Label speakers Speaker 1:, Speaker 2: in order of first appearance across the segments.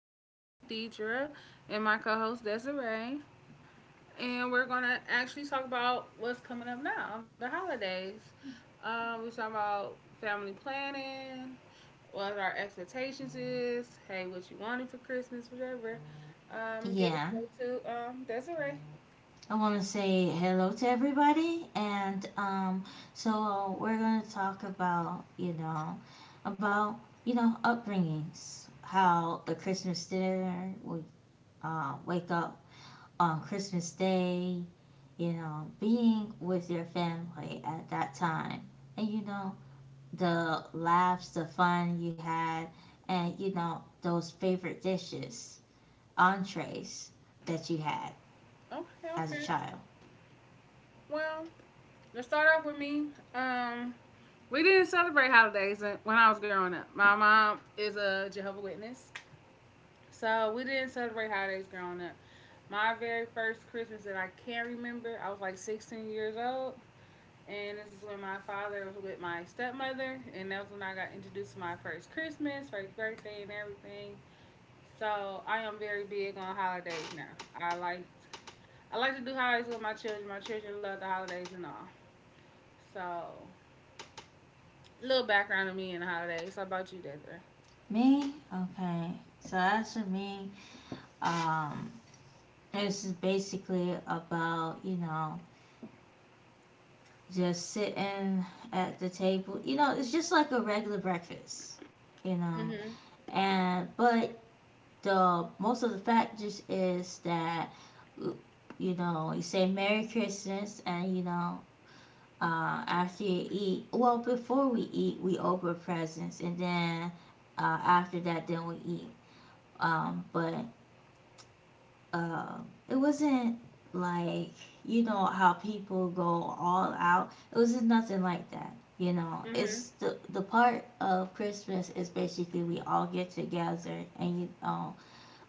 Speaker 1: It's me, Deidre, and my co host, Desiree. And we're going to actually talk about what's coming up now, the holidays. We're talking about family planning, what our expectations is, hey, what you wanted for Christmas, whatever. Give the
Speaker 2: Yeah,
Speaker 1: floor to Desiree.
Speaker 2: I want to say hello to everybody, and so we're gonna talk about you know upbringings, how the Christmas dinner we wake up on Christmas Day, you know, being with your family at that time, and you know the laughs, the fun you had, and you know those favorite dishes, entrees that you had
Speaker 1: Okay,
Speaker 2: as a
Speaker 1: okay.
Speaker 2: child.
Speaker 1: Well, let's start off with me. Um, we didn't celebrate holidays when I was growing up. My mom is a Jehovah Witness, so we didn't celebrate holidays growing up. My very first Christmas that I can remember, I was like 16 years old. And this is when my father was with my stepmother. And that's when I got introduced to my first Christmas, first birthday, and everything. So I am very big on holidays now. I like I like to do holidays with my children. My children love the holidays and all. So, little background of me and the holidays. How about you, Desiree?
Speaker 2: Me? Okay. So as for me, um, this is basically about, you know, just sitting at the table. You know, it's just like a regular breakfast, you know.
Speaker 1: Mm-hmm.
Speaker 2: And but the most of the factors is that you know, you say Merry Christmas and you know, after you eat, well before we eat, we open presents and then after that then we eat. But uh, it wasn't like you know how people go all out. It wasn't nothing like that. You know,
Speaker 1: Mm-hmm.
Speaker 2: it's the part of Christmas is basically we all get together and you know,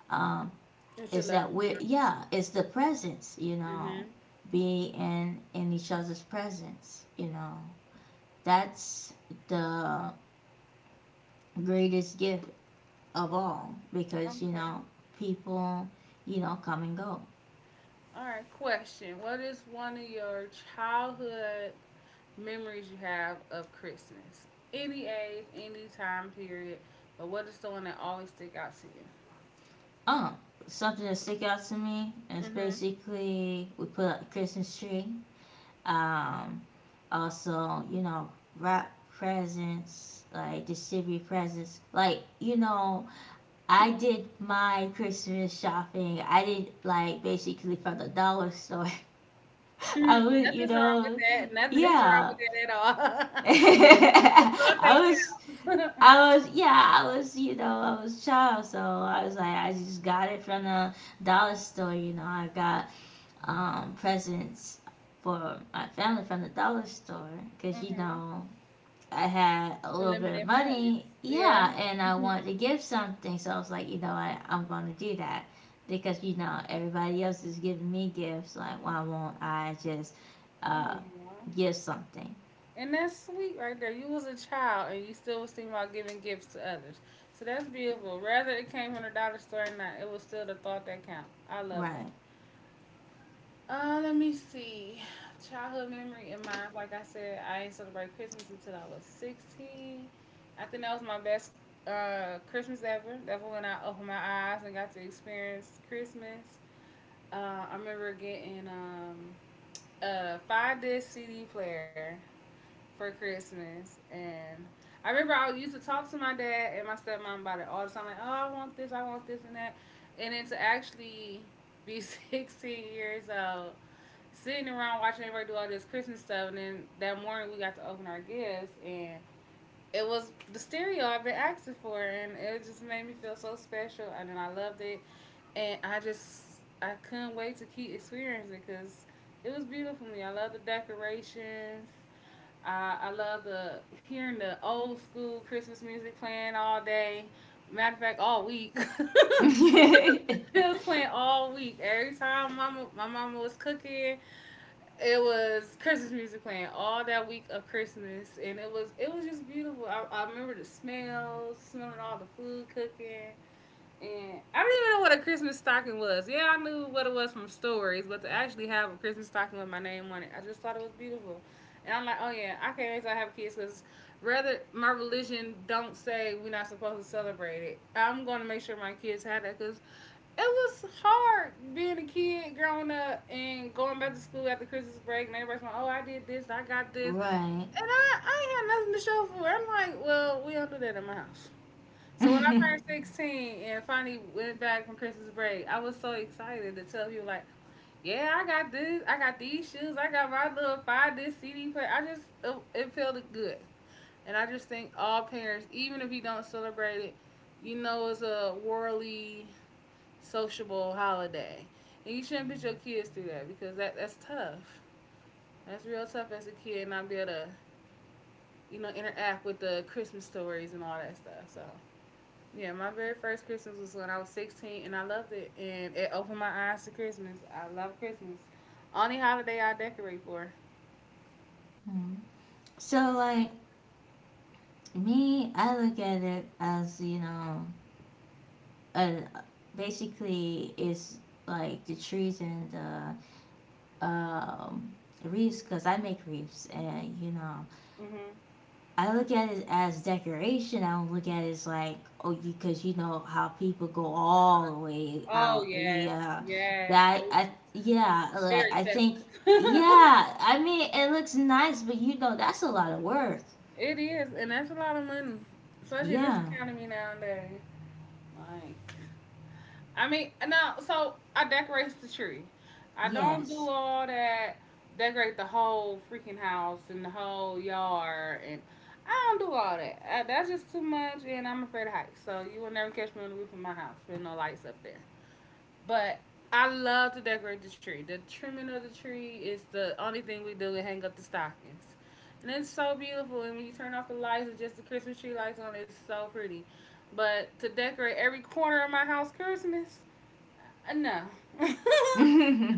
Speaker 2: um,
Speaker 1: What you
Speaker 2: is
Speaker 1: love?
Speaker 2: that we're yeah, it's the presence. You know,
Speaker 1: Mm-hmm.
Speaker 2: be in each other's presence. You know, that's the greatest gift of all because you know people you know come and go.
Speaker 1: All right, question. What is one of your childhood memories you have of Christmas? Any age, any time period, but what is the one that always stick out to you?
Speaker 2: Oh, something that stick out to me is basically we put up the Christmas tree. Um, also, you know, wrap presents, like distribute presents. Like, you know, I did my Christmas shopping. I did like basically from the dollar store. I
Speaker 1: Mm-hmm.
Speaker 2: would, you
Speaker 1: Nothing's wrong with
Speaker 2: know,
Speaker 1: that. Nothing's wrong
Speaker 2: yeah.
Speaker 1: with that at all. It's
Speaker 2: I was
Speaker 1: the thought that counts.
Speaker 2: I was yeah, I was you know, I was a child, so I was like I just got it from the dollar store, you know, I got presents for my family from the dollar store because you
Speaker 1: Mm-hmm.
Speaker 2: know I had a little bit of
Speaker 1: Limited funds.
Speaker 2: money,
Speaker 1: Yeah.
Speaker 2: yeah, and I wanted to give something, so I was like, you know what, I'm going to do that because you know everybody else is giving me gifts, like why won't I just
Speaker 1: Oh,
Speaker 2: uh,
Speaker 1: yeah.
Speaker 2: give something,
Speaker 1: And that's sweet right there. You was a child and you still was thinking about giving gifts to others. So that's beautiful. Whether it came from the dollar store or not, it was still the thought that count. I love that.
Speaker 2: right?
Speaker 1: Let me see. Childhood memory in mind. Like I said, I ain't celebrate Christmas until I was 16. I think that was my best Christmas ever. That's when I opened my eyes and got to experience Christmas. I remember getting a five disc CD player for Christmas, and I remember I used to talk to my dad and my stepmom about it all the time. Like, oh, I want this, and that, and then to actually be 16 years old, sitting around watching everybody do all this Christmas stuff, and then that morning we got to open our gifts, and it was the stereo I've been asking for, and it just made me feel so special, and then I loved it, and I couldn't wait to keep experiencing it because it was beautiful to me. I love the decorations. I love the hearing the old school Christmas music playing all day. Matter of fact, all week. It was playing all week. Every time my mama was cooking, it was Christmas music playing all that week of Christmas, and it was just beautiful. I remember the smells, smelling all the food cooking. And I didn't even know what a Christmas stocking was. Yeah, I knew what it was from stories, but to actually have a Christmas stocking with my name on it, I just thought it was beautiful. And I'm like, oh yeah, I can't wait till I have kids because rather my religion don't say we're not supposed to celebrate it, I'm going to make sure my kids have that because it was hard being a kid growing up and going back to school after Christmas break and everybody's like, oh, I did this, I got this.
Speaker 2: Right.
Speaker 1: And I ain't had nothing to show for it. I'm like, well, we don't do that in my house. So when I turned 16 and finally went back from Christmas break, I was so excited to tell people like, yeah, I got this, I got these shoes, I got my little five disc CD player. It felt good, and I just think all parents, even if you don't celebrate it, you know it's a worldly, sociable holiday, and you shouldn't put your kids through that because that's tough. That's real tough as a kid not be able to, you know, interact with the Christmas stories and all that stuff. So yeah, my very first Christmas was when I was 16, and I loved it. And it opened my eyes to Christmas. I love Christmas. Only holiday I decorate for.
Speaker 2: So like me, I look at it as you know and basically it's like the trees and the um, reefs because I make reefs and you know
Speaker 1: hmm
Speaker 2: I look at it as decoration. I don't look at it as like oh you because you know how people go all the way
Speaker 1: Oh
Speaker 2: out.
Speaker 1: yes,
Speaker 2: Yeah,
Speaker 1: yes,
Speaker 2: that
Speaker 1: they-
Speaker 2: I yeah like
Speaker 1: very
Speaker 2: I think
Speaker 1: festive.
Speaker 2: yeah I mean it looks nice, but you know that's a lot of work.
Speaker 1: It is, and that's a lot of money, especially in this
Speaker 2: Yeah.
Speaker 1: economy nowadays. Like. I mean, no. So I decorate the tree. I don't do
Speaker 2: Yes.
Speaker 1: all that. Decorate the whole freaking house and the whole yard, and I don't do all that. That's just too much, and I'm afraid of heights. So you will never catch me on the roof of my house with no lights up there. But I love to decorate the tree. The trimming of the tree is the only thing we do. We hang up the stockings. And it's so beautiful. And when you turn off the lights and just the Christmas tree lights on, it's so pretty. But to decorate every corner of my house Christmas, no.
Speaker 2: Yeah.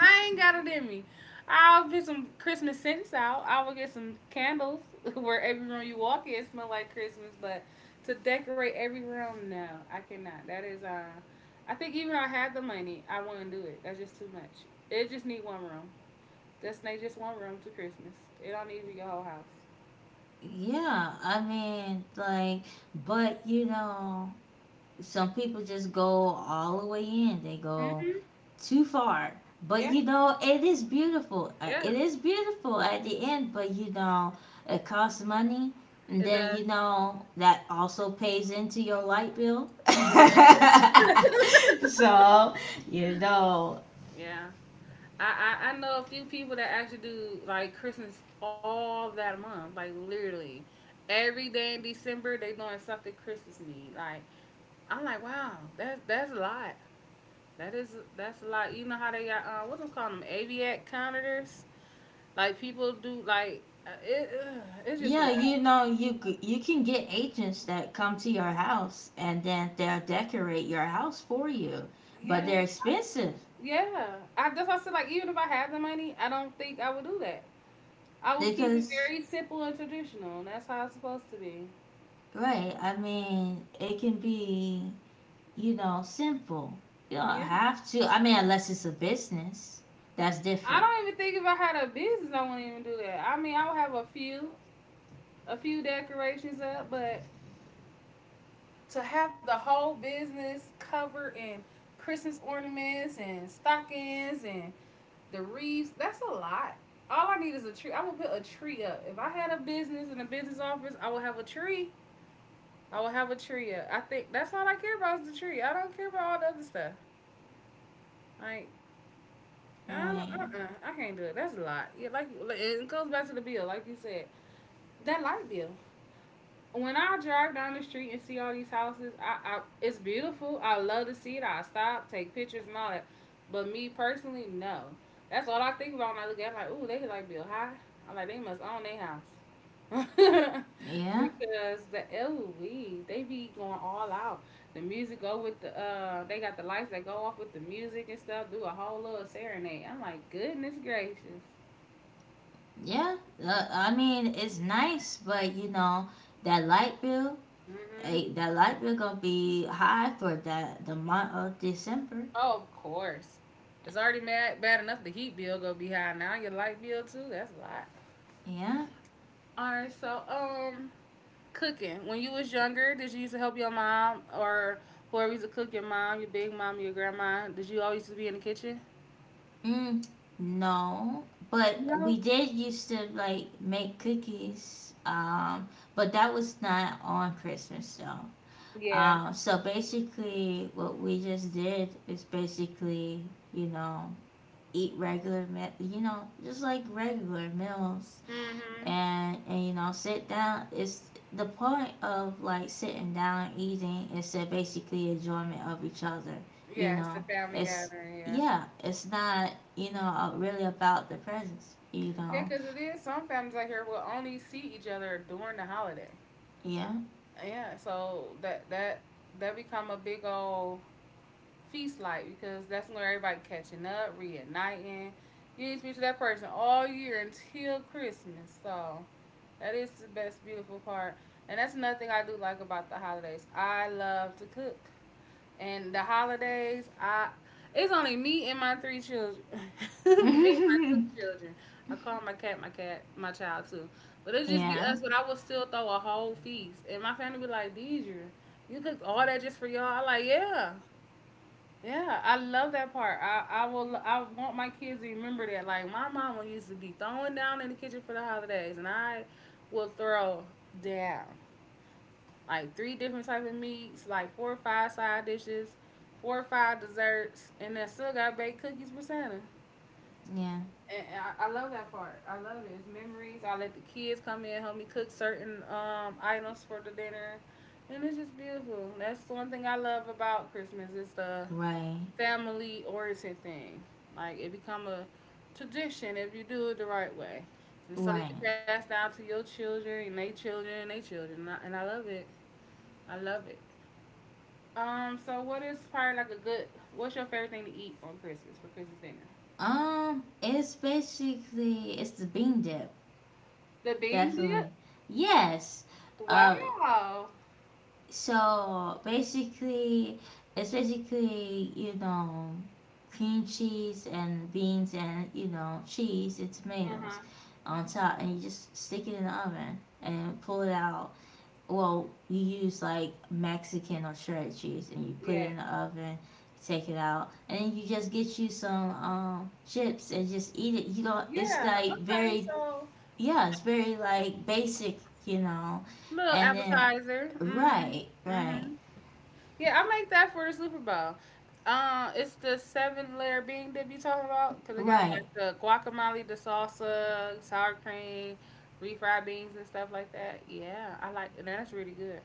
Speaker 1: I ain't got it in me. I'll get some Christmas scents out. I will get some candles where every room you walk in it smell like Christmas. But to decorate every room, no, I cannot. That is, I think even if I had the money, I wouldn't do it. That's just too much. It just need one room. Just one room to Christmas. It don't need to be your whole house.
Speaker 2: I mean like but you know some people just go all the way in they go
Speaker 1: hmm
Speaker 2: too far but
Speaker 1: Yeah,
Speaker 2: you know it is beautiful. It
Speaker 1: yes,
Speaker 2: is beautiful at the end but you know it costs money and
Speaker 1: it
Speaker 2: then
Speaker 1: does.
Speaker 2: you know that also pays into your light bill.
Speaker 1: Yeah.
Speaker 2: So you know
Speaker 1: Yeah. I know a few people that actually do like Christmas all that month, like literally every day in December they doing something Christmas meat. Like I'm like, wow, that's a lot. That's a lot. You know how they got what's them calling them aviat counters? Like people do like it's just a
Speaker 2: yeah
Speaker 1: lot.
Speaker 2: you know you you can get agents that come to your house and then they'll decorate your house for you but
Speaker 1: Yeah,
Speaker 2: they're expensive
Speaker 1: yeah. I That's why I said like even if I had the money, I don't think I would do that. I would keep it
Speaker 2: because
Speaker 1: very simple and traditional. And That's how it's supposed to be.
Speaker 2: right. I mean, it can be, you know, simple. You don't
Speaker 1: Yeah.
Speaker 2: have to. I mean, unless it's a business, that's
Speaker 1: I
Speaker 2: different.
Speaker 1: don't even think if I had a business, I wouldn't even do that. I mean, I would have a few decorations up, but to have the whole business covered in Christmas ornaments and stockings and the wreaths, that's a lot. All I need is a tree. I would put a tree up. If I had a business in a business office, I would have a tree. I would have a tree up. I think that's all I care about is the tree. I don't care about all the other stuff. Like,
Speaker 2: Right.
Speaker 1: I can't do it. That's a lot. Yeah, it goes back to the bill, like you said. That light bill. When I drive down the street and see all these houses, I it's beautiful. I love to see it. I stop, take pictures and all that. But me personally, no. That's all I think about when I look at it, I'm like, ooh, they like build high. I'm like, they must own their house.
Speaker 2: Yeah.
Speaker 1: Because the ooh we they be going all out. The music go with the they got the lights that go off with the music and stuff, do a whole little serenade. I'm like, goodness gracious.
Speaker 2: Yeah. I mean, it's nice, but you know, that light bill,
Speaker 1: hmm
Speaker 2: eh, that light bill gonna be high for that the month of December.
Speaker 1: Oh, of course. It's already mad, bad enough the heat bill go be high. Now your light bill too. That's a lot.
Speaker 2: Yeah.
Speaker 1: All right. So cooking. When you was younger, did you used to help your mom or whoever used to cook your mom, your big mom, your grandma? Did you always used to be in the kitchen?
Speaker 2: Mm, no. But
Speaker 1: No.
Speaker 2: we did used to like make cookies. But that was not on Christmas though.
Speaker 1: Yeah.
Speaker 2: So basically, what we just did is basically, you know, eat regular, you know, just like regular meals,
Speaker 1: Mhm.
Speaker 2: and you know, sit down. It's the point of like sitting down and eating is to basically enjoyment of each other. You
Speaker 1: Yeah, it's a
Speaker 2: know,
Speaker 1: family
Speaker 2: it's
Speaker 1: gathering. Yeah.
Speaker 2: yeah, it's not you know really about the presence. You
Speaker 1: Yeah,
Speaker 2: know,
Speaker 1: because it is. Some families out here will only see each other during the holiday.
Speaker 2: yeah,
Speaker 1: Yeah. So that become a big old feast like because that's when everybody catching up, reuniting. You need to be to that person all year until Christmas. So that is the best beautiful part. And that's another thing I do like about the holidays. I love to cook. And the holidays, I it's only me and my 3 children. Me and my 2 children. I call my cat my cat, my child too. But it'll just be
Speaker 2: yeah,
Speaker 1: us, but I will still throw a whole feast. And my family be like, Deidre, you cooked all that just for y'all? I like, yeah. Yeah, I love that part. I will I want my kids to remember that. Like my mama used to be throwing down in the kitchen for the holidays and I will throw down. Like three different type of meats, like four or five side dishes, four or five desserts, and I still got baked cookies for Santa.
Speaker 2: yeah,
Speaker 1: And I love that part. I love it. It's memories. I let the kids come in, help me cook certain items for the dinner. And it's just beautiful. That's the one thing I love about Christmas. It's the
Speaker 2: right,
Speaker 1: family origin thing. Like it become a tradition if you do it the right way, and so you
Speaker 2: right.
Speaker 1: can pass down to your children and they children and they children. And I love it. I love it. So what is probably like a good? What's your favorite thing to eat on Christmas for Christmas dinner?
Speaker 2: It's basically it's the bean dip,
Speaker 1: The bean
Speaker 2: definitely.
Speaker 1: dip.
Speaker 2: Yes. Uh,
Speaker 1: Wow.
Speaker 2: so basically, it's basically you know cream cheese and beans and you know cheese and
Speaker 1: Uh
Speaker 2: tomatoes
Speaker 1: huh.
Speaker 2: on top, and you just stick it in the oven and pull it out well, you use like Mexican or shredded cheese and you put it
Speaker 1: Yeah.
Speaker 2: in the oven, take it out, and then you just get you some chips and just eat it. You know, it's
Speaker 1: Yeah.
Speaker 2: like
Speaker 1: Okay.
Speaker 2: very,
Speaker 1: So
Speaker 2: yeah, it's very like basic, you know.
Speaker 1: little
Speaker 2: And then,
Speaker 1: appetizer. Mhm.
Speaker 2: right, right,
Speaker 1: Mhm. Yeah, I make that for the Super Bowl. It's the seven layer bean dip you talking about because it got like
Speaker 2: right.
Speaker 1: the guacamole, the salsa, sour cream, refried beans and stuff like that. Yeah, I like and that's really good.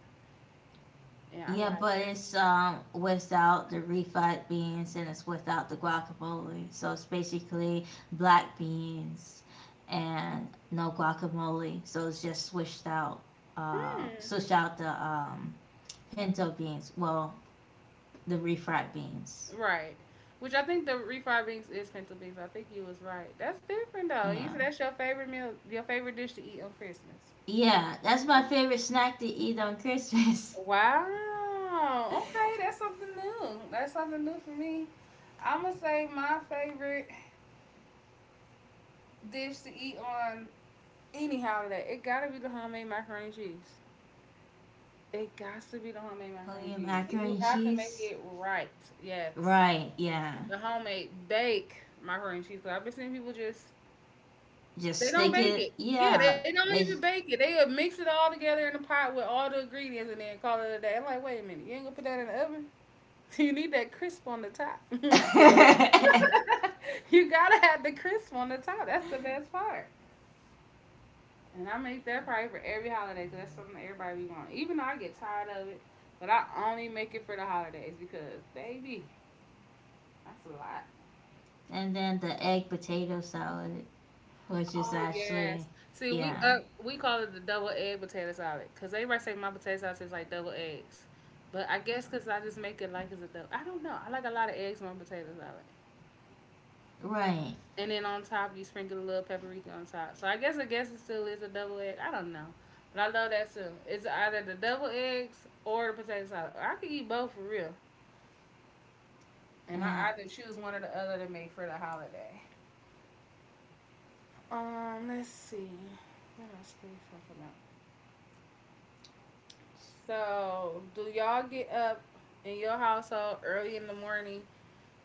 Speaker 1: Yeah, I
Speaker 2: Yeah,
Speaker 1: like.
Speaker 2: but it's without the refried beans and it's without the guacamole. So it's basically black beans and no guacamole. So it's just
Speaker 1: Mm,
Speaker 2: switched out the pinto beans. Well, the refried beans.
Speaker 1: right. Which I think the refried beans is pinto beans. I think you was right. That's different though. You
Speaker 2: Yeah.
Speaker 1: said that's your favorite meal, your favorite dish to eat on Christmas.
Speaker 2: Yeah, that's my favorite snack to eat on Christmas.
Speaker 1: Wow. Okay, that's something new. That's something new for me. I'm gonna say my favorite dish to eat on any holiday. It gotta be the homemade macaroni and cheese. It got to be the homemade
Speaker 2: Oh
Speaker 1: macaroni and
Speaker 2: yeah,
Speaker 1: cheese. And
Speaker 2: macaroni
Speaker 1: you
Speaker 2: and
Speaker 1: have to make
Speaker 2: cheese.
Speaker 1: it right. Yes.
Speaker 2: Right, yeah.
Speaker 1: The homemade bake macaroni and cheese. Because I've been seeing people just,
Speaker 2: Just
Speaker 1: they don't
Speaker 2: stick
Speaker 1: bake it.
Speaker 2: it.
Speaker 1: Yeah,
Speaker 2: Yeah.
Speaker 1: they don't even
Speaker 2: There's-
Speaker 1: bake it. They mix it all together in a pot with all the ingredients and then call it a day. I'm like, wait a minute. You ain't gonna put that in the oven? You need that crisp on the top. You gotta have the crisp on the top. That's the best part. And I make that probably for every holiday because that's something that everybody be wanting. Even though I get tired of it, but I only make it for the holidays because, baby, that's a lot.
Speaker 2: And then the egg potato salad, which is
Speaker 1: Oh
Speaker 2: actually,
Speaker 1: yes. See, we
Speaker 2: yeah,
Speaker 1: up we call it the double egg potato salad because everybody say my potato salad tastes like double eggs, but I guess because I just make it like it's a double. I don't know. I like a lot of eggs on my potato salad.
Speaker 2: right.
Speaker 1: And then on top, you sprinkle a little paprika on top. So I guess it still is a double egg. I don't know, but I love that too. It's either the double eggs or the potato salad. I could eat both for real, and I
Speaker 2: Yeah.
Speaker 1: either choose one or the other to make for the holiday. Let's see. What else can we talk about? So, do y'all get up in your household early in the morning,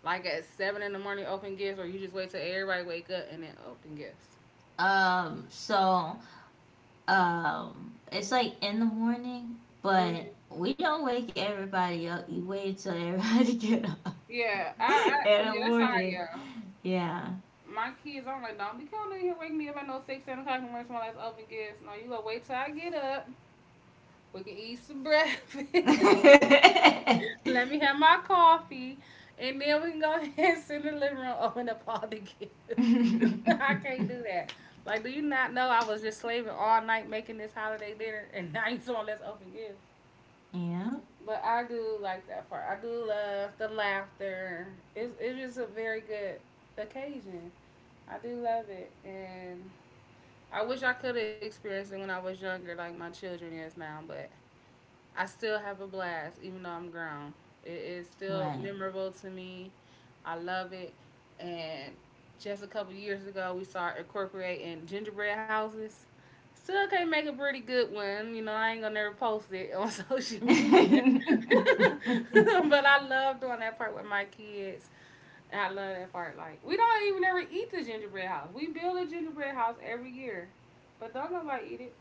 Speaker 1: like at seven in the morning, open gifts, or you just wait till everybody wake up and then open gifts?
Speaker 2: So, it's like in the morning, but
Speaker 1: Mhm.
Speaker 2: we don't wake everybody up. You wait till everybody get up
Speaker 1: Yeah, I, I,
Speaker 2: in the
Speaker 1: yeah, that's how
Speaker 2: morning.
Speaker 1: I am.
Speaker 2: Yeah.
Speaker 1: My kids, I'm like, don't be coming in here wake me up at no six, seven o'clock. And the my last open gifts. No, you gonna wait till I get up. We can eat some breakfast.
Speaker 2: Yeah,
Speaker 1: Let me have my coffee, and then we can go ahead and sit in the living room, open up all the gifts. I can't do that. Like, do you not know I was just slaving all night making this holiday dinner, and now you someone let's open gifts. But I do like that part. I do love the laughter. It's just a very good occasion. I do love it, and I wish I could have experienced it when I was younger, like my children is now, but I still have a blast, even though I'm grown. It is
Speaker 2: right.
Speaker 1: still memorable to me. I love it. And just a couple years ago, we started incorporating gingerbread houses. Still can't make a pretty good one. You know, I ain't gonna never post it on social media. But I love doing that part with my kids. I love that part. Like we don't even ever eat the gingerbread house. We build a gingerbread house every year, but don't nobody eat it.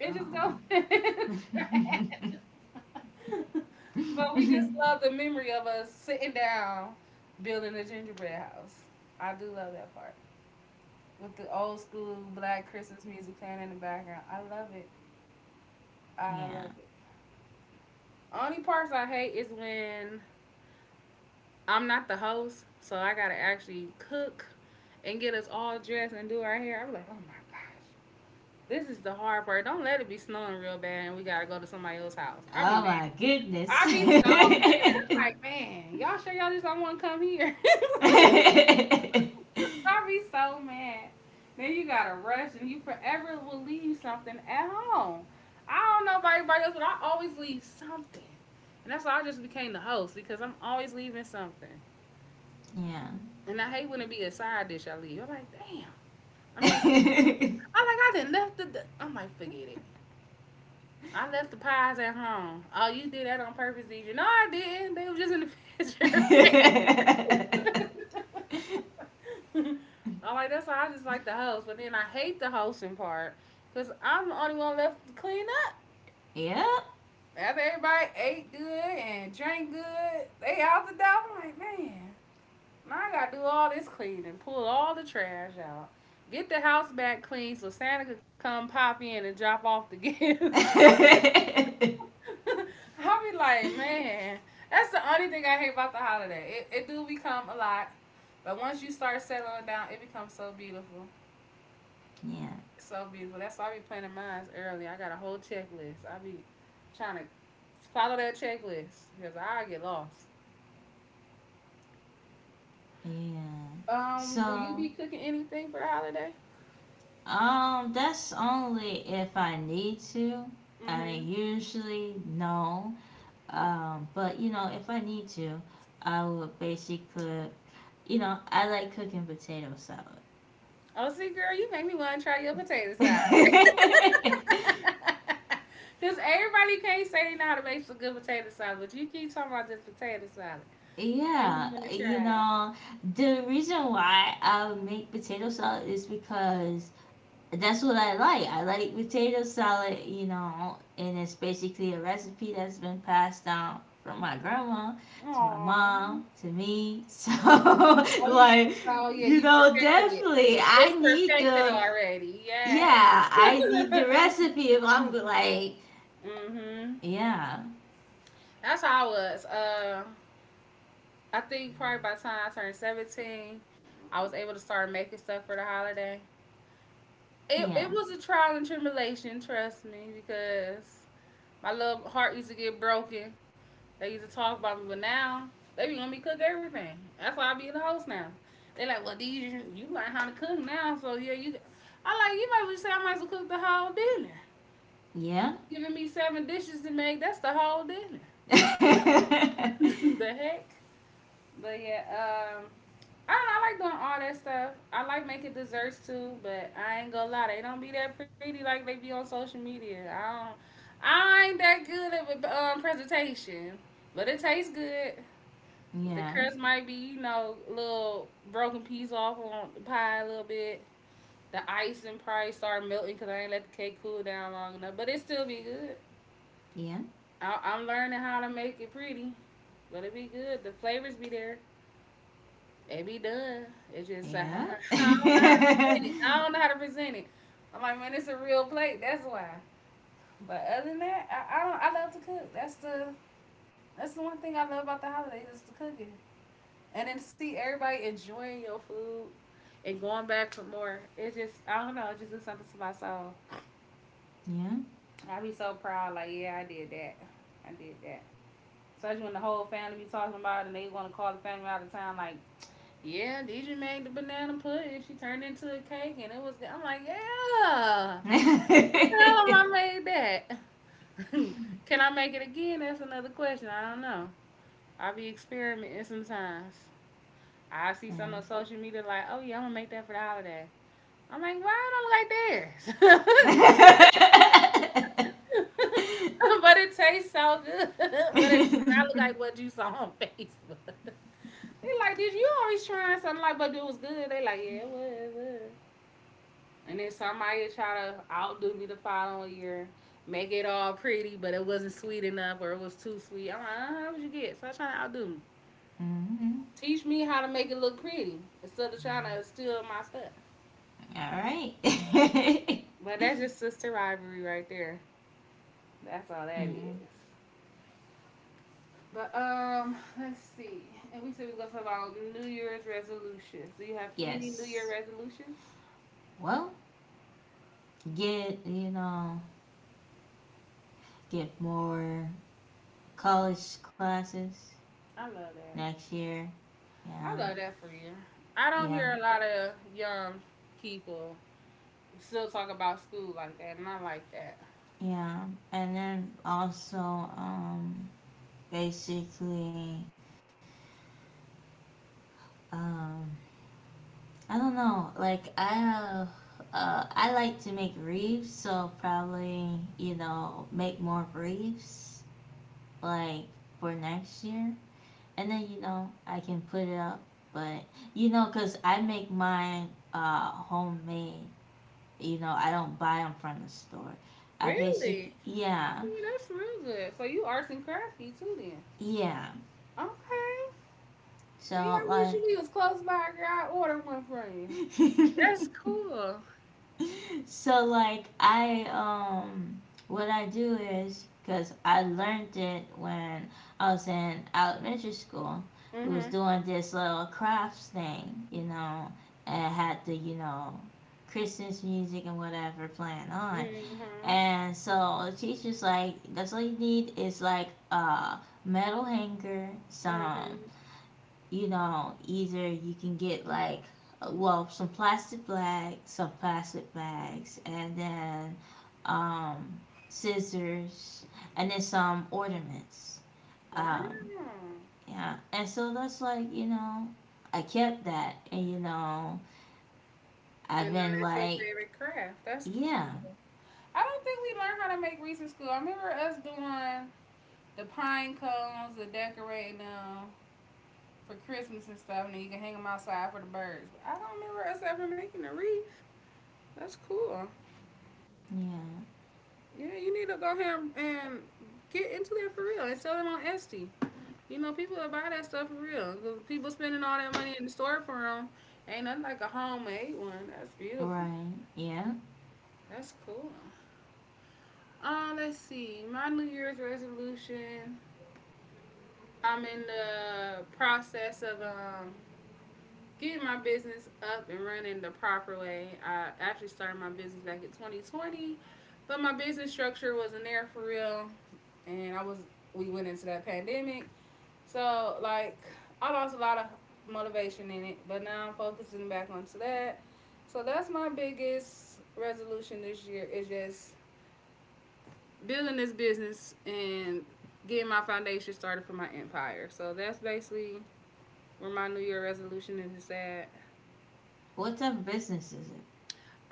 Speaker 1: It just goes
Speaker 2: um.
Speaker 1: in the trash. But we just love the memory of us sitting down building a gingerbread house. I do love that part with the old school black Christmas music playing in the background. I love it. I love
Speaker 2: Yeah.
Speaker 1: it. Only parts I hate is when I'm not the host, so I gotta actually cook and get us all dressed and do our hair. I'm like, oh my god. This is the hard part. Don't let it be snowing real bad and we gotta go to somebody else's house. I be
Speaker 2: Oh
Speaker 1: mad.
Speaker 2: my goodness.
Speaker 1: I be so mad.
Speaker 2: Yeah.
Speaker 1: I'm like, man, y'all sure y'all just don't want to come here? I be so mad. Then you gotta rush and you forever will leave something at home. I don't know about everybody else, but I always leave something. And that's why I just became the host because I'm always leaving something. And I hate when it be a side dish I leave. I'm like, damn. I mean, I like I didn't left the I'm like, forget it. I left the pies at home. Oh, you did that on purpose, did you? No, I didn't. They was just in the picture. I'm like, that's why I just like the host. But then I hate the hosting part because I'm the only one left to clean up.
Speaker 2: Yep.
Speaker 1: After everybody ate good and drank good, they out the door. I'm like, man, now I got to do all this cleaning, pull all the trash out, get the house back clean so Santa could come pop in and drop off the gifts.
Speaker 2: Yeah.
Speaker 1: I be like, man, that's the only thing I hate about the holiday. It do become a lot, but once you start settling down, it becomes so beautiful, so beautiful. That's why I be planning mines early. I got a whole checklist. I be trying to follow that checklist because I get lost.
Speaker 2: Yeah.
Speaker 1: Will you
Speaker 2: So,
Speaker 1: be cooking anything for the holiday?
Speaker 2: that's only if I need to. I
Speaker 1: Mm-hmm.
Speaker 2: usually no. But you know, if I need to, I will basically, you know, I like cooking potato salad.
Speaker 1: Oh, see, girl, you make me want to try your potato salad. Because everybody can't say they know how to make some good potato salad, but you keep talking about this potato salad.
Speaker 2: Yeah,
Speaker 1: Make me want to
Speaker 2: you
Speaker 1: try.
Speaker 2: know, the reason why I make potato salad is because that's what I like. I like potato salad, you know, and it's basically a recipe that's been passed down from my grandma to my
Speaker 1: Aw.
Speaker 2: mom to me. So,
Speaker 1: Oh yeah.
Speaker 2: like,
Speaker 1: So yeah,
Speaker 2: you
Speaker 1: you
Speaker 2: know,
Speaker 1: perfected it.
Speaker 2: definitely
Speaker 1: It's
Speaker 2: I need
Speaker 1: perfected
Speaker 2: the,
Speaker 1: already. Yeah.
Speaker 2: yeah, I need the recipe if
Speaker 1: Hmm.
Speaker 2: I'm like, yeah,
Speaker 1: That's how I was. I think probably by the time I turned 17, I was able to start making stuff for the holiday. It
Speaker 2: yeah,
Speaker 1: was a trial and tribulation, trust me, because my little heart used to get broken. They used to talk about me, but now they be want me to cook everything. That's why I be the host now. They like, well, these you learn how to cook now, so yeah, you. I like you might as well just say I might as well cook the whole dinner.
Speaker 2: yeah.
Speaker 1: Giving me seven dishes to make, that's the whole dinner. The heck, but yeah, I don't know, I like doing all that stuff. I like making desserts too, but I ain't gonna lie, they don't be that pretty like they be on social media. I don't, I ain't that good at presentation, but it tastes good. The
Speaker 2: Yeah,
Speaker 1: crust might be, you know, a little broken piece off on the pie a little bit. The icing probably start melting because I ain't let the cake cool down long enough, but it still be good.
Speaker 2: yeah.
Speaker 1: I- I'm learning how to make it pretty, but it be good. The flavors be there. It be done. It's just I
Speaker 2: Yeah.
Speaker 1: don't know how to
Speaker 2: Yeah.
Speaker 1: present it. I don't know how to present it. I'm like, man, it's a real plate. That's why. But other than that, I don't. I love to cook. That's the one thing I love about the holidays is the cooking. And then see everybody enjoying your food and going back for more. It's just I don't know, it just do something to my soul.
Speaker 2: Yeah.
Speaker 1: I be so proud, like, yeah, I did that. I did that. Especially when the whole family be talking about it and they wanna call the family out of town like, yeah, DJ made the banana pudding. She turned into a cake and it was good. I'm like, yeah. You tell them I made that. Can I make it again? That's another question. I don't know. I be experimenting sometimes. I see something on social media like, oh yeah, I'm gonna make that for the holiday. I'm like, "Why it don't look like this?"
Speaker 2: hmm
Speaker 1: But it tastes so good, but it does not look like what you saw on Facebook. They like, "Did you always trying something like but it was good?" They like, "Yeah, it was, it was." And then somebody try to outdo me the following year, make it all pretty, but it wasn't sweet enough or it was too sweet. I'm like, " how would you get?" Stop trying to outdo me. Teach me how to make it look pretty instead of trying to steal my stuff.
Speaker 2: All right.
Speaker 1: But that's just sister rivalry right there. That's all that
Speaker 2: Yeah.
Speaker 1: is. But let's see. And we said we were gonna talk about New Year's resolutions. Do you have any New
Speaker 2: Yes.
Speaker 1: Year resolutions?
Speaker 2: Well, get, you know, get more college classes
Speaker 1: I love that.
Speaker 2: next year. Yeah.
Speaker 1: I love that for you. I don't
Speaker 2: Yeah.
Speaker 1: hear a lot of young people still talk about school like that, and I like that.
Speaker 2: Yeah. And then also, basically, um, I don't know. Like I like to make reefs, so probably you know make more reefs like for next year, and then you know I can put it up. But you know, cause I make mine homemade. You know, I don't buy them from the store. I basically
Speaker 1: Really?
Speaker 2: yeah
Speaker 1: Okay, that's real good. So you arts and crafty too, then?
Speaker 2: yeah.
Speaker 1: Okay. See,
Speaker 2: So
Speaker 1: I wish
Speaker 2: like.
Speaker 1: you was close by, girl. I ordered one from you. That's cool.
Speaker 2: So like I what I do is because I learned it when I was in elementary school. We was
Speaker 1: Mhm.
Speaker 2: doing this little crafts thing, you know, and had the you know Christmas music and whatever playing on.
Speaker 1: Mhm.
Speaker 2: And so the teacher's like, that's all you need is like a metal hanger, some
Speaker 1: Mhm.
Speaker 2: you know, either you can get like, well, some plastic bags, and then um, scissors, and then some ornaments. Um,
Speaker 1: Wow.
Speaker 2: yeah, and so that's like, you know, I kept that, and you know, I've
Speaker 1: And now
Speaker 2: been
Speaker 1: that's your
Speaker 2: like,
Speaker 1: favorite craft. That's cool.
Speaker 2: yeah,
Speaker 1: I don't think we learned how to make wreaths in school. I remember us doing the pine cones, the decorating them for Christmas and stuff, and then you can hang them outside for the birds. But I don't remember us ever making a wreath. That's cool.
Speaker 2: yeah,
Speaker 1: Yeah, you need to go ahead and get into that for real and sell them on Etsy. You know, people will buy that stuff for real. 'Cause people spending all that money in the store for them. Ain't nothing like a homemade one. That's beautiful.
Speaker 2: right, yeah.
Speaker 1: That's cool. Let's see. My New Year's resolution. I'm in the process of getting my business up and running the proper way. I actually started my business back in 2020, but my business structure wasn't there for real, and I was we went into that pandemic, so like I lost a lot of motivation in it. But now I'm focusing back onto that. So that's my biggest resolution this year is just building this business and getting my foundation started for my empire. So that's basically where my New Year resolution is at.
Speaker 2: What type of business is it?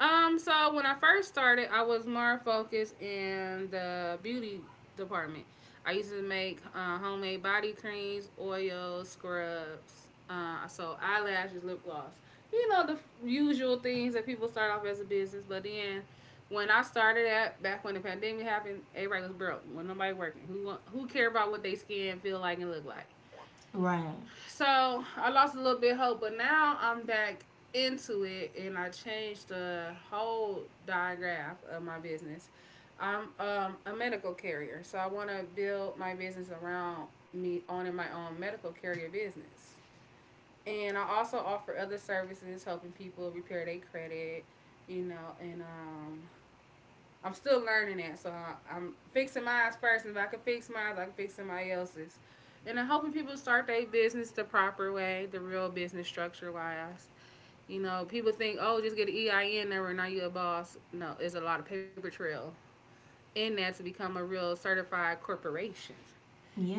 Speaker 1: So when I first started, I was more focused in the beauty department. I used to make homemade body creams, oils, scrubs. So eyelashes, lip gloss. You know the usual things that people start off as a business, but then when I started at back when the pandemic happened, everybody was broke. When nobody working, who care about what they skin feel like and look like?
Speaker 2: Right,
Speaker 1: So I lost a little bit of hope, but now I'm back into it and I changed the whole diagram of my business. I'm a medical carrier, so I want to build my business around me owning my own medical carrier business. And I also offer other services, helping people repair their credit, you know, and I'm still learning that, so I, am fixing mine first. And if I can fix mine, I can fix somebody else's. And I'm hoping people start their business the proper way, the real business structure wise. You know, people think, oh, just get an EIN number and now you're a boss. No, there's a lot of paper trail in that to become a real certified corporation.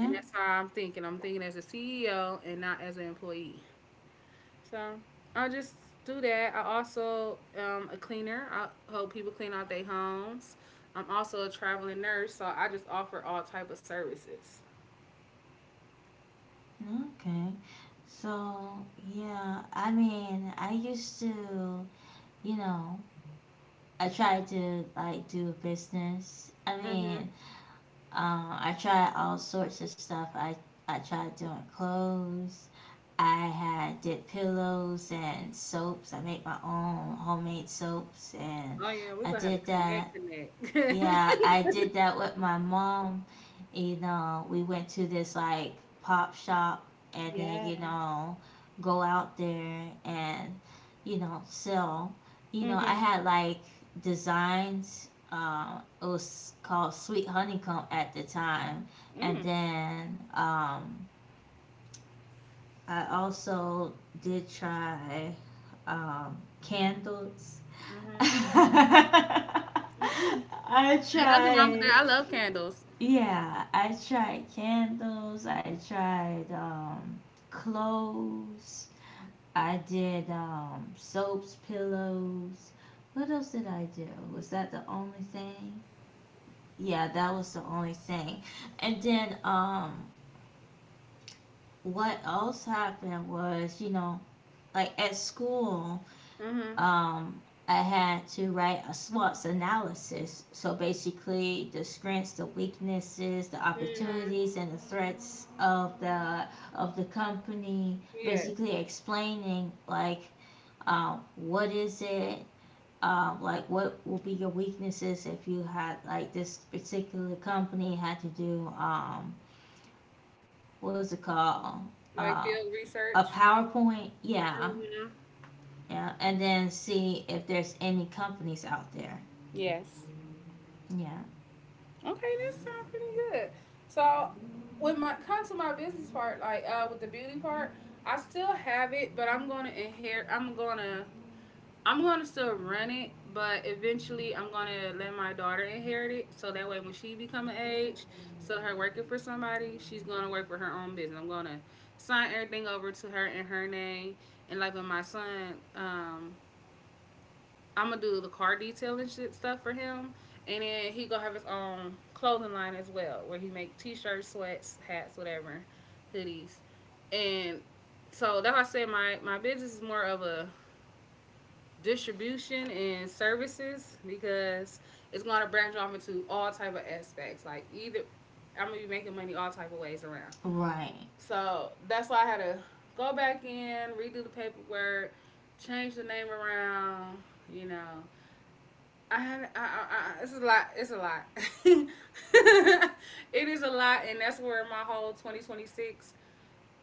Speaker 1: And that's how I'm thinking. I'm thinking as a CEO and not as an employee. So I just do that. I also am a cleaner. I help people clean out their homes. I'm also a traveling nurse, so I just offer all type of services.
Speaker 2: okay. So, yeah, I mean, I used to you know, I try to like do business. I
Speaker 1: Mhm.
Speaker 2: mean, I try all sorts of stuff. I tried doing clothes. I had did pillows and soaps. I make my own homemade soaps and
Speaker 1: Oh yeah, we're
Speaker 2: I
Speaker 1: gonna have to
Speaker 2: did
Speaker 1: connect,
Speaker 2: that.
Speaker 1: connect.
Speaker 2: Yeah, I did that with my mom. You know, we went to this like pop shop and then,
Speaker 1: Yes.
Speaker 2: you know, go out there and, you know, sell. You know, I
Speaker 1: Mhm.
Speaker 2: had like designs. It was called Sweet Honeycomb at the time. And
Speaker 1: Mm.
Speaker 2: then I also did try candles.
Speaker 1: Mhm. Mm.
Speaker 2: I
Speaker 1: Ain't nothing wrong with
Speaker 2: tried
Speaker 1: that. I love candles.
Speaker 2: yeah, I tried candles. I tried clothes. I did soaps, pillows. What else did I do? Was that the only thing? Yeah, that was the only thing. And then what else happened was, you know, like at school,
Speaker 1: Mhm.
Speaker 2: um, I had to write a SWOT analysis. So basically, the strengths, the weaknesses, the
Speaker 1: Mhm.
Speaker 2: opportunities, and the threats of the company.
Speaker 1: Yes.
Speaker 2: Basically, explaining like what is it. Like what will be your weaknesses if you had like this particular company had to do what's it called uh
Speaker 1: Like field
Speaker 2: a
Speaker 1: research.
Speaker 2: PowerPoint yeah
Speaker 1: Mhm.
Speaker 2: yeah and then see if there's any companies out there
Speaker 1: Yes.
Speaker 2: yeah,
Speaker 1: Okay, that sounds pretty good. So when my come to my business part, like with the beauty part, I still have it, but I'm gonna still run it, but eventually I'm gonna let my daughter inherit it. So that way when she become an age, so her working for somebody, she's gonna work for her own business. I'm gonna sign everything over to her in her name. And like with my son, I'm gonna do the car detailing shit stuff for him, and then he gonna have his own clothing line as well, where he make t-shirts, sweats, hats, whatever, hoodies, and so that's why I said my business is more of a distribution and services because it's gonna branch off into all type of aspects. Like either I'm gonna be making money all type of ways around.
Speaker 2: right,
Speaker 1: So that's why I had to go back in, redo the paperwork, change the name around, you know, it's a lot. It's a lot. It is a lot, and that's where my whole 2026,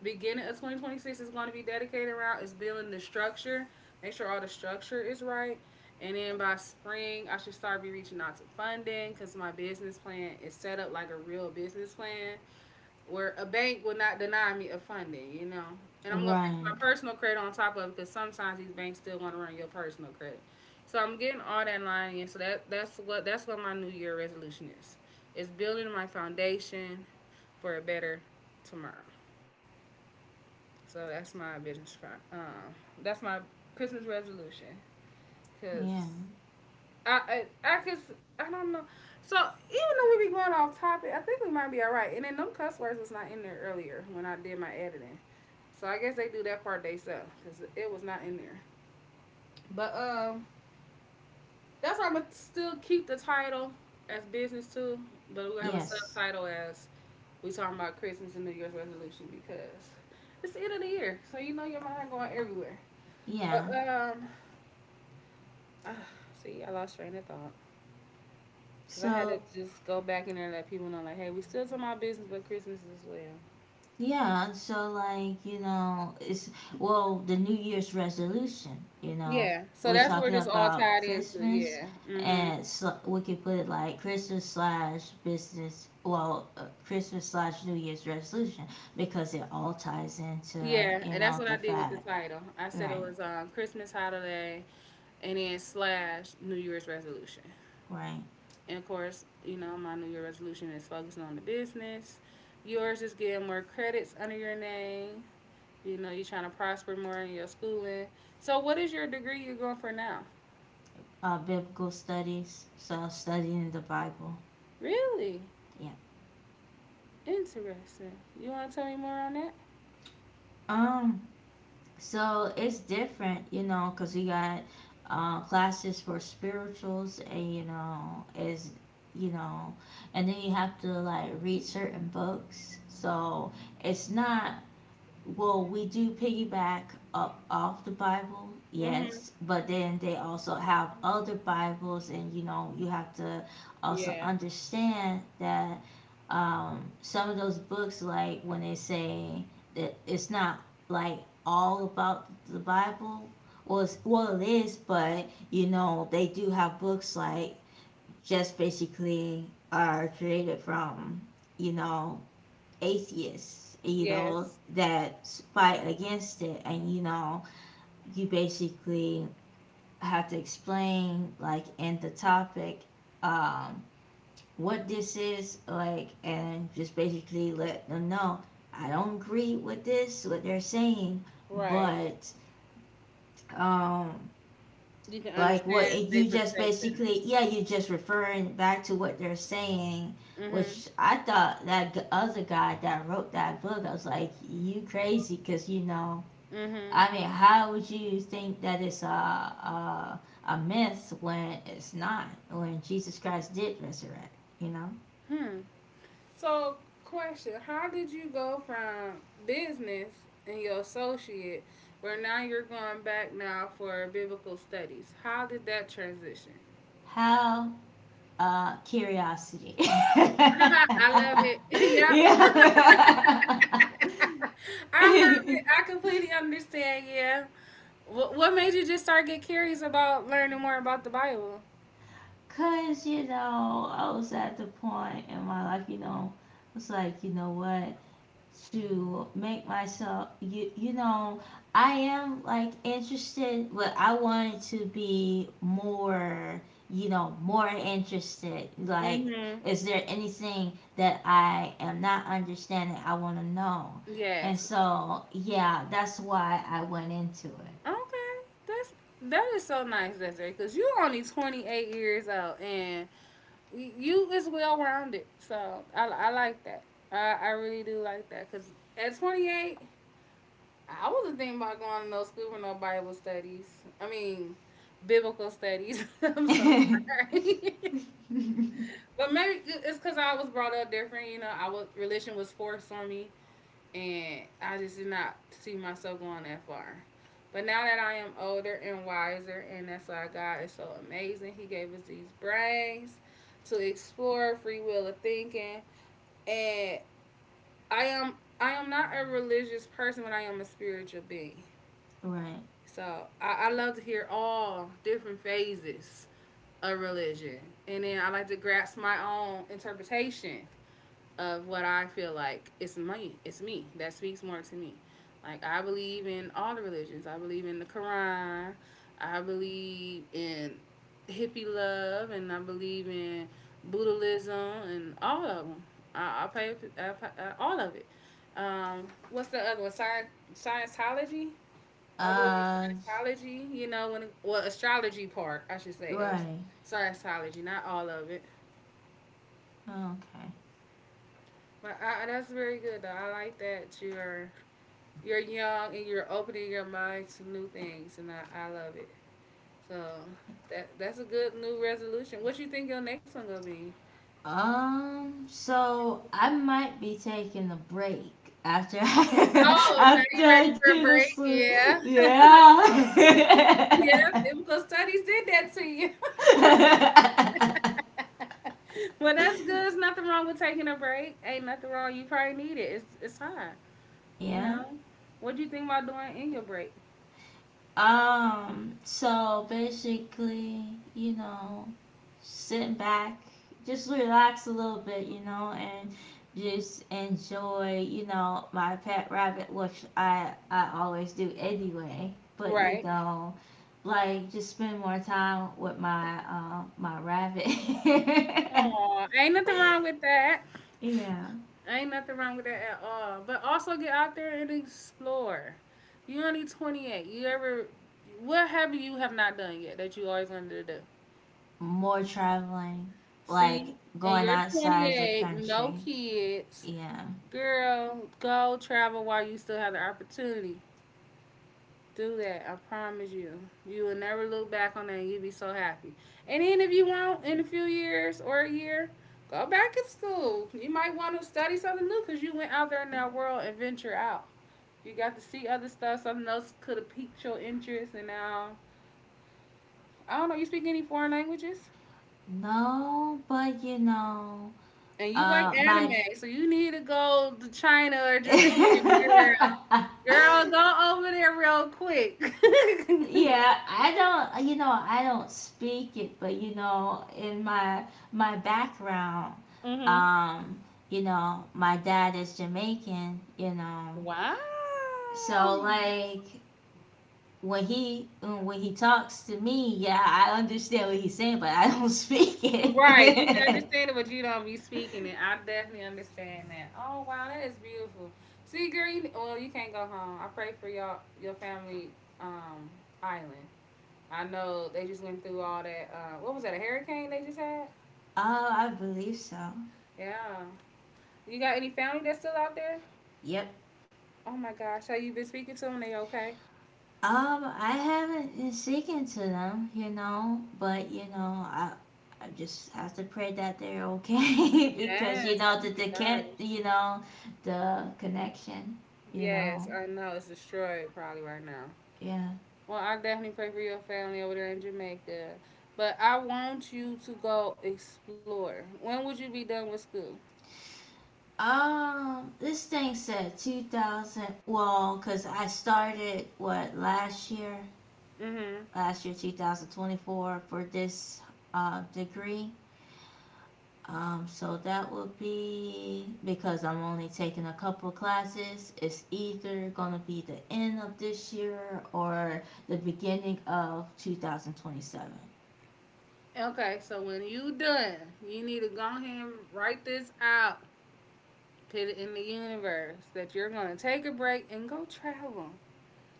Speaker 1: beginning of 2026, is going to be dedicated around is building the structure. Make sure all the structure is right, and then by spring, I should start be reaching out to funding because my business plan is set up like a real business plan where a bank will not deny me a funding, you know. And I'm gonna fix my
Speaker 2: right.
Speaker 1: personal credit on top of it because sometimes these banks still want to run your personal credit. So I'm getting all that line in. So that's what my New Year resolution is. It's building my foundation for a better tomorrow. So that's my business. Um, that's my Christmas resolution because
Speaker 2: Yeah,
Speaker 1: I don't know. So even though we be going off topic, I think we might be all right. And then them cuss words was not in there earlier when I did my editing. So I guess they do that part they sell because it was not in there. But that's why I'm gonna still keep the title as business too. But we're gonna have a
Speaker 2: yes,
Speaker 1: subtitle as we talking about Christmas and New Year's resolution because it's the end of the year, so you know your mind going everywhere.
Speaker 2: yeah.
Speaker 1: But ah, see, I lost train of thought. Cause I had to
Speaker 2: So,
Speaker 1: just go back in there and let people know, like, hey, we still talking about business, but Christmas as well.
Speaker 2: yeah, so like, you know, it's, well, the New Year's resolution, you know,
Speaker 1: Yeah. So
Speaker 2: we're
Speaker 1: that's where
Speaker 2: talking
Speaker 1: this all
Speaker 2: about
Speaker 1: tied into.
Speaker 2: Christmas,
Speaker 1: Yeah. Hmm.
Speaker 2: and we could put it like Christmas slash business, well, Christmas slash New Year's resolution, because it all ties into,
Speaker 1: Yeah,
Speaker 2: you
Speaker 1: and that's
Speaker 2: know,
Speaker 1: what I
Speaker 2: the
Speaker 1: did with the
Speaker 2: fact,
Speaker 1: title. I said it
Speaker 2: right,
Speaker 1: was Christmas holiday, and then slash New Year's resolution.
Speaker 2: right.
Speaker 1: And of course, you know my New Year resolution is focusing on the business. Yours is getting more credits under your name. You know, you're trying to prosper more in your schooling. So, what is your degree you're going for now?
Speaker 2: Biblical studies, so studying the Bible,
Speaker 1: Really?
Speaker 2: yeah.
Speaker 1: Interesting. You want to tell me more on that?
Speaker 2: Um, so it's different, you know, because you got classes for spirituals, and you know, is you know, and then you have to like read certain books. So it's not well, we do piggyback up off the Bible,
Speaker 1: Mm-hmm.
Speaker 2: yes, but then they also have other Bibles, and you know, you have to also
Speaker 1: Yeah.
Speaker 2: understand that some of those books, like when they say that it's not like all about the Bible, well, it's, well, it is, but you know, they do have books like just basically are created from you know atheists, you know,
Speaker 1: Yes.
Speaker 2: that fight against it. And, you know, you basically have to explain, like, in the topic, um, what this is, like, and just basically let them know I don't agree with this, what they're saying,
Speaker 1: Right.
Speaker 2: but um,
Speaker 1: You can
Speaker 2: like what
Speaker 1: understand their
Speaker 2: you just
Speaker 1: perspective.
Speaker 2: basically, yeah, you just referring back to what they're saying,
Speaker 1: Mhm.
Speaker 2: which I thought that other guy that wrote that book, I was like, you crazy, because you know,
Speaker 1: Mhm.
Speaker 2: I mean, how would you think that it's a myth when it's not? When Jesus Christ did resurrect, you know?
Speaker 1: Hmm. So, question: how did you go from business and your associate, where now you're going back now for biblical studies? How did that transition?
Speaker 2: How curiosity.
Speaker 1: I love it. Yeah,
Speaker 2: Yeah.
Speaker 1: I love it. I completely understand. Yeah. What made you just start get curious about learning more about the Bible?
Speaker 2: Cause you know, I was at the point in my life, you know, it's like, you know what, to make myself, you know, I am like interested, but I wanted to be more, you know, more interested. Like,
Speaker 1: Mm-hmm.
Speaker 2: is there anything that I am not understanding? I want to know. And
Speaker 1: Yes.
Speaker 2: so, yeah, that's why I went into
Speaker 1: Okay. That's that is so nice, Desiree, because you're only 28 years old and you is well rounded. So I like that. I really do like that because at 28, I wasn't thinking about going to no school for no Bible studies. I mean, biblical studies. I'm so
Speaker 2: it.
Speaker 1: sorry. But maybe it's because I was brought up different, you know. I was religion was forced on me, and I just did not see myself going that far. But now that I am older and wiser, and that's why God is so amazing. He gave us these brains to explore free will of thinking, and I am I am not a religious person, but I am a spiritual being.
Speaker 2: Right.
Speaker 1: So I love to hear all different phases of religion, and then I like to grasp my own interpretation of what I feel like it's me. It's me that speaks more to me. Like I believe in all the religions. I believe in the Quran. I believe in hippie love, and I believe in Buddhism and all of them. I, I pay, all of it. What's the other one? Scientology. I believe
Speaker 2: Uh,
Speaker 1: in Scientology. You know, when it, well, astrology part, I should say, of
Speaker 2: right.
Speaker 1: Scientology, not all of it.
Speaker 2: Okay.
Speaker 1: But I, that's very good. Though I like that you're young and you're opening your mind to new things, and I love it. So that's a good new resolution. What you think your next one gonna be?
Speaker 2: So I might be taking a break after I,
Speaker 1: Oh, now
Speaker 2: after
Speaker 1: you ready
Speaker 2: I
Speaker 1: for a
Speaker 2: do this.
Speaker 1: break?
Speaker 2: One.
Speaker 1: Yeah.
Speaker 2: Yeah.
Speaker 1: Yeah, biblical studies did that to you. Well, that's good. There's nothing wrong with taking a break. Ain't nothing wrong. You probably need it. It's fine. You
Speaker 2: Yeah.
Speaker 1: know. What do you think about doing in your break?
Speaker 2: So basically, you know, sit back, just relax a little bit, you know, and just enjoy, you know, my pet rabbit, which I always do anyway. But you
Speaker 1: Right.
Speaker 2: know, like just spend more time with my my rabbit.
Speaker 1: Oh, ain't nothing wrong with that.
Speaker 2: Yeah,
Speaker 1: Ain't nothing wrong with that at all, but also get out there and explore. You only 28. You ever What have you have not done yet that you always wanted to do?
Speaker 2: more traveling,
Speaker 1: See?
Speaker 2: like
Speaker 1: And
Speaker 2: going
Speaker 1: you're twenty
Speaker 2: outside the
Speaker 1: eight, no
Speaker 2: country.
Speaker 1: kids.
Speaker 2: Yeah.
Speaker 1: Girl, go travel while you still have the opportunity. Do that. I promise you. You will never look back on that and you'll be so happy. And even if you won't in a few years or a year, go back to school. You might want to study something new because you went out there in that world and venture out. You got to see other stuff. Something else could have piqued your interest. And now, I don't know, you speak any foreign languages?
Speaker 2: No, but you know,
Speaker 1: And you like anime,
Speaker 2: my
Speaker 1: so you need to go to China or Japan, girl. Girl, go over there real quick.
Speaker 2: yeah, I don't, you know, I don't speak it, but you know, in my background,
Speaker 1: Mm-hmm.
Speaker 2: um, you know, my dad is Jamaican, you know,
Speaker 1: Wow.
Speaker 2: so like when he talks to me, yeah, I understand what he's saying, but I don't speak
Speaker 1: Right. You can
Speaker 2: it.
Speaker 1: understand it, but you don't be speaking it. I definitely understand that. Oh wow, that is beautiful. See, girl, you, well, you can't go home. I pray for y'all, your family, um, island. I know they just went through all that. What was that? A hurricane they just had?
Speaker 2: Oh, I believe so.
Speaker 1: Yeah. You got any family that's still out there?
Speaker 2: Yep.
Speaker 1: Oh my gosh, have you been speaking to them? They okay?
Speaker 2: I haven't been speaking to them, you know, but you know, I just have to pray that they're okay because you
Speaker 1: Yes.
Speaker 2: know
Speaker 1: Oh
Speaker 2: that
Speaker 1: my
Speaker 2: they can't,
Speaker 1: gosh.
Speaker 2: you know, the connection, you
Speaker 1: Yes,
Speaker 2: know,
Speaker 1: I know it's destroyed probably right now.
Speaker 2: yeah.
Speaker 1: Well, I definitely pray for your family over there in Jamaica. But I want you to go explore. When would you be done with school?
Speaker 2: This thing said 2000, well, because I started what
Speaker 1: Mm-hmm.
Speaker 2: last year 2024 for this degree. So that would be because I'm only taking a couple classes. It's either gonna be the end of this year or the beginning of 2027.
Speaker 1: Okay, so when you done, you need to go ahead and write this out. Put it in the universe that you're gonna take a break and go travel.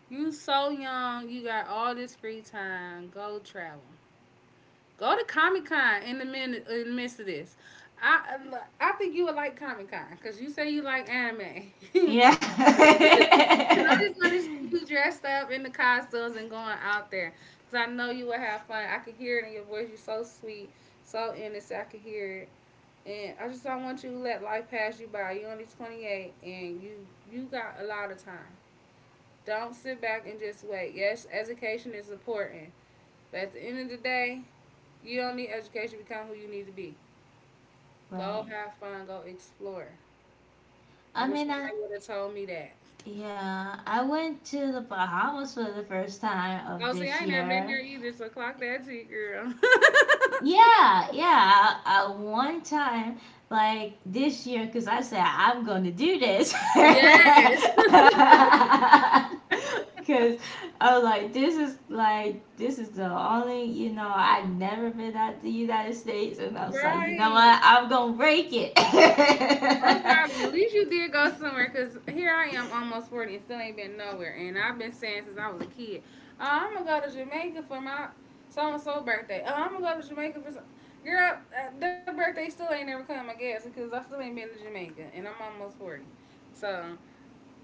Speaker 1: You so young, you got all this free time. Go travel. Go to Comic Con in the minute in the midst of this. I I think you would like Comic Con because you say you like anime.
Speaker 2: Yeah.
Speaker 1: And I just want to see you dressed up in the costumes and going out there because I know you will have fun. I can hear it in your voice. You're so sweet, so innocent. I can hear it, and I just don't want you to let life pass you by. You're only 28, and you got a lot of time. Don't sit back and just wait. Yes, education is important, but at the end of the day, you don't need education to become who you need to be. Go
Speaker 2: Right.
Speaker 1: have fun. Go explore. I
Speaker 2: I
Speaker 1: wish
Speaker 2: mean,
Speaker 1: somebody
Speaker 2: I
Speaker 1: would have told me that.
Speaker 2: yeah, I went to the Bahamas for the first time of
Speaker 1: Oh, see, I
Speaker 2: this
Speaker 1: ain't never been there
Speaker 2: year.
Speaker 1: either, so clock that tick, girl.
Speaker 2: Yeah, yeah. I one time, like this year, because I said I'm gonna do this.
Speaker 1: Yes,
Speaker 2: Because I was like, this is the only, you know, I never been out to the United States. And I was like, you know
Speaker 1: right.
Speaker 2: what? I'm gonna break it.
Speaker 1: I'm proud of you. At least you did go somewhere, because here I am, almost 40, and still ain't been nowhere. And I've been saying since I was a kid, oh, I'm going to go to Jamaica for my so-and-so birthday. Oh, I'm going to go to Jamaica for some... Girl, the birthday still ain't never come, I guess, because I still ain't been to Jamaica, and I'm almost 40. So...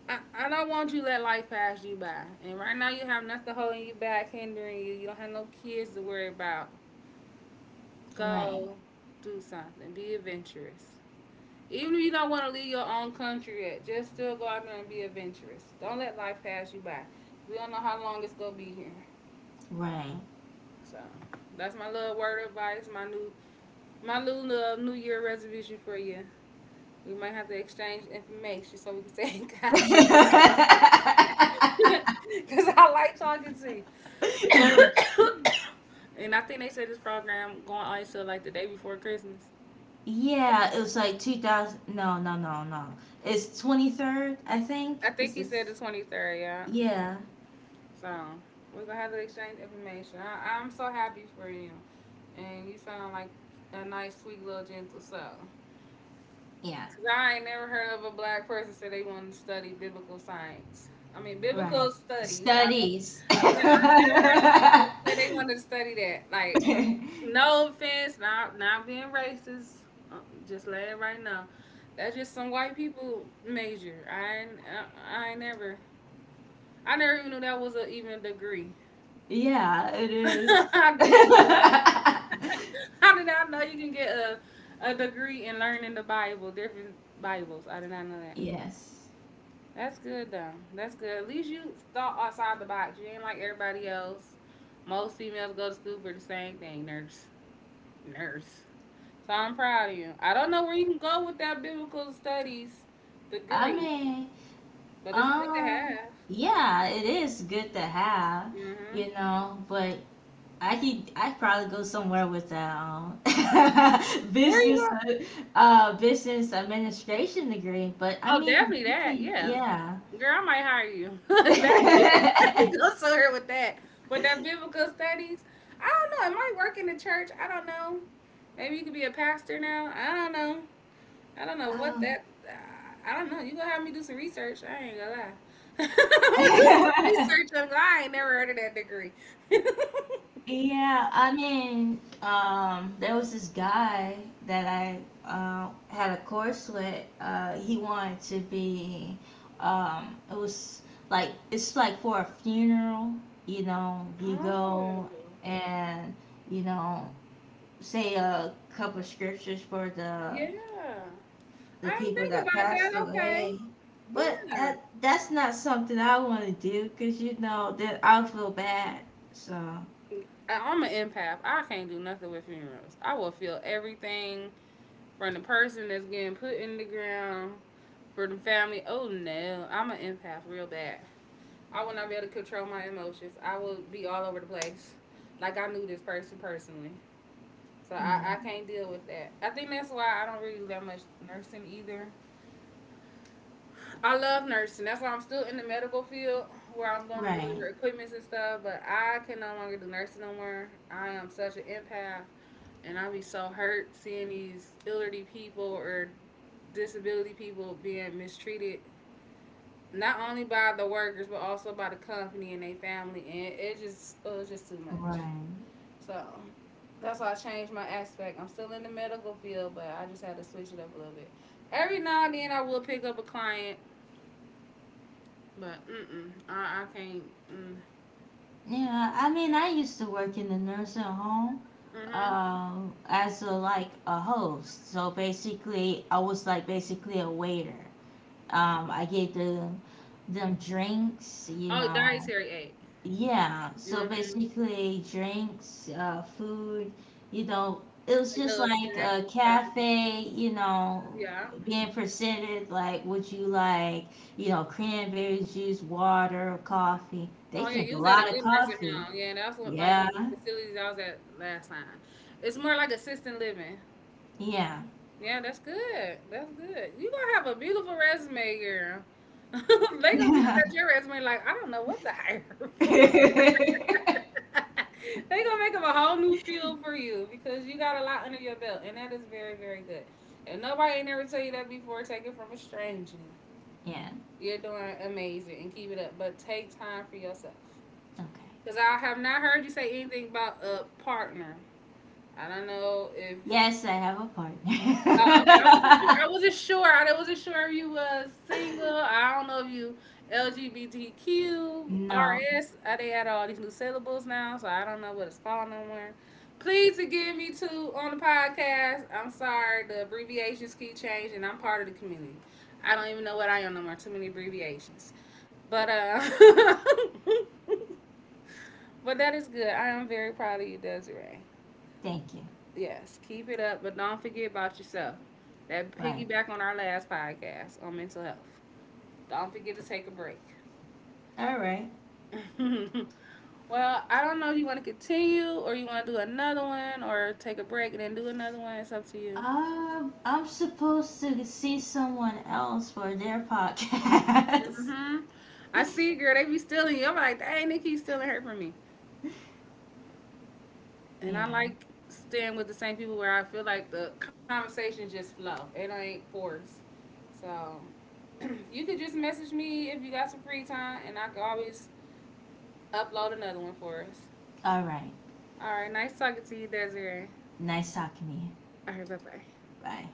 Speaker 1: I don't want you to let life pass you by. And right now you have nothing holding you back, hindering you. You don't have no kids to worry about.
Speaker 2: Right,
Speaker 1: Go do something. Be adventurous. Even if you don't want to leave your own country yet, just still go out there and be adventurous. Don't let life pass you by. We don't know how long it's gonna be here. So that's my little word of advice, my new new year resolution for you. We might have to exchange information so we can stay in contact.
Speaker 2: right.
Speaker 1: Cause I like talking to you. So, and I think they said this program going on until like the day before Christmas.
Speaker 2: Yeah, it was like 2000. No, no, no, no. It's 23rd, I think.
Speaker 1: I think
Speaker 2: It's
Speaker 1: he
Speaker 2: just,
Speaker 1: said the 23rd, yeah.
Speaker 2: yeah,
Speaker 1: So, we're going to have to exchange information. I'm so happy for you. And you sound like a nice, sweet little gentle soul.
Speaker 2: yeah,
Speaker 1: Because I ain't never heard of a black person say they want to study biblical science. I mean,
Speaker 2: right.
Speaker 1: biblical studies. I
Speaker 2: Studies.
Speaker 1: yeah, I never heard it like that. Say they wanted to study that. Like, no offense, not being racist. uh, Just let it right now. That's just some white people major. I ain't, I ain't never. I never even knew that was a even a degree.
Speaker 2: Yeah, it is.
Speaker 1: I did. How did I know you can get a degree in learning the Bible, different Bibles? I did not know that.
Speaker 2: Yes.
Speaker 1: That's good though. That's good. At least you thought outside the box. You ain't like everybody else. Most females go to school for the same thing, nurse. Nurse. So I'm proud of you. I don't know where you can go with that biblical studies
Speaker 2: I
Speaker 1: degree,
Speaker 2: mean,
Speaker 1: but it's good
Speaker 2: um,
Speaker 1: to
Speaker 2: yeah, it is good to have,
Speaker 1: have. Hmm.
Speaker 2: you know, but I could I'd probably go somewhere with that
Speaker 1: Where you going?
Speaker 2: business uh, business administration degree, but I
Speaker 1: Oh,
Speaker 2: mean
Speaker 1: definitely
Speaker 2: you
Speaker 1: that.
Speaker 2: can
Speaker 1: Yeah,
Speaker 2: yeah.
Speaker 1: girl, I might hire you. That you can definitely go somewhere with that. With that biblical studies, I don't know. It might work in the church. I don't know. Maybe you could be a pastor now. I don't know. I don't know what
Speaker 2: um,
Speaker 1: that. I don't know. You gonna have me do some research? I ain't gonna lie. I'm gonna do some research. I ain't never heard of that degree.
Speaker 2: Yeah, I mean, there was this guy that I had a course with. He wanted to be, it was like, it's like for a funeral, you know, you go
Speaker 1: Oh,
Speaker 2: and, you know, say a couple scriptures for the
Speaker 1: yeah.
Speaker 2: the
Speaker 1: I ain't
Speaker 2: people
Speaker 1: think
Speaker 2: that
Speaker 1: about
Speaker 2: passed
Speaker 1: that. Okay.
Speaker 2: away. But
Speaker 1: Yeah.
Speaker 2: that's not something I want to do because, you know, that I'll feel bad. So,
Speaker 1: I'm an empath. I can't do nothing with funerals. I will feel everything from the person that's getting put in the ground, for the family. Oh no, I'm an empath real bad. I will not be able to control my emotions. I will be all over the place. Like I knew this person personally. So I
Speaker 2: mm,
Speaker 1: can't deal with that. I think that's why I don't really do that much nursing either. I love nursing. That's why I'm still in the medical field where I'm going to
Speaker 2: right.
Speaker 1: deliver equipments and stuff. But I can no longer do nursing no more. I am such an empath, and I be so hurt seeing these elderly people or disability people being mistreated, not only by the workers but also by the company and their family. And it was just too much.
Speaker 2: Right.
Speaker 1: So that's why I changed my aspect. I'm still in the medical field, but I just had to switch it up a little bit. Every now and then, I will pick up a client. But mm-mm, I can't. Mm,
Speaker 2: Yeah, I mean, I used to work in the nursing home
Speaker 1: mm-hmm.
Speaker 2: as a like a host. So basically, I was like basically a waiter. I gave them drinks, you
Speaker 1: Oh,
Speaker 2: know.
Speaker 1: dietary aid.
Speaker 2: Yeah, so
Speaker 1: Mm-hmm.
Speaker 2: basically drinks, food, you know, it was
Speaker 1: Like
Speaker 2: just
Speaker 1: little
Speaker 2: like
Speaker 1: snacks
Speaker 2: a
Speaker 1: and stuff.
Speaker 2: cafe, you know,
Speaker 1: Yeah.
Speaker 2: being presented like would you like, you know, cranberry juice, water, or coffee. They
Speaker 1: Oh yeah,
Speaker 2: drink
Speaker 1: you
Speaker 2: a
Speaker 1: was at a
Speaker 2: lot of
Speaker 1: good nursing
Speaker 2: coffee.
Speaker 1: home. Yeah, that's what like one
Speaker 2: Yeah.
Speaker 1: of the facilities I was at last time. It's more like assisted living.
Speaker 2: Yeah.
Speaker 1: Yeah, that's good. That's good. You gonna have a beautiful resume, girl. They gonna be looking
Speaker 2: Yeah.
Speaker 1: at your resume like I don't know what to hire for. They gonna make up a whole new
Speaker 2: Yeah.
Speaker 1: field for you because you got a lot under your belt, and that is very, very good. And nobody ain't ever tell you that before. Take it from a stranger. You're doing amazing, and keep it up. But take time for yourself,
Speaker 2: Okay.
Speaker 1: because I have not heard you say anything about a partner. I don't know if
Speaker 2: Yes, I have a partner.
Speaker 1: oh, okay. I wasn't sure. I wasn't sure. I wasn't sure if you was single. I don't know if you LGBTQRS.
Speaker 2: No,
Speaker 1: They add all these new syllables now, so I don't know what it's called no more. Please forgive me too on the podcast. I'm sorry. The abbreviations keep changing. I'm part of the community. I don't even know what I am no more. Too many abbreviations. But but that is good. I am very proud of you, Desiree.
Speaker 2: thank you.
Speaker 1: Yes, keep it up, but don't forget about yourself. That
Speaker 2: Right.
Speaker 1: piggyback on our last podcast on mental health. Don't forget to take a break.
Speaker 2: All right.
Speaker 1: Well, I don't know if you want to continue or you want to do another one or take a break and then do another one. It's up to you.
Speaker 2: I'm supposed to see someone else for their podcast.
Speaker 1: Hmm. I see, girl. They be stealing you. I'm like, dang, they keep stealing her from me. And
Speaker 2: Yeah.
Speaker 1: I like staying with the same people where I feel like the conversation just flow. It ain't forced. So you could just message me if you got some free time, and I could always upload another one for us.
Speaker 2: All right.
Speaker 1: All right, nice talking to you, Desiree.
Speaker 2: Nice talking to you.
Speaker 1: All right, bye bye.
Speaker 2: Bye.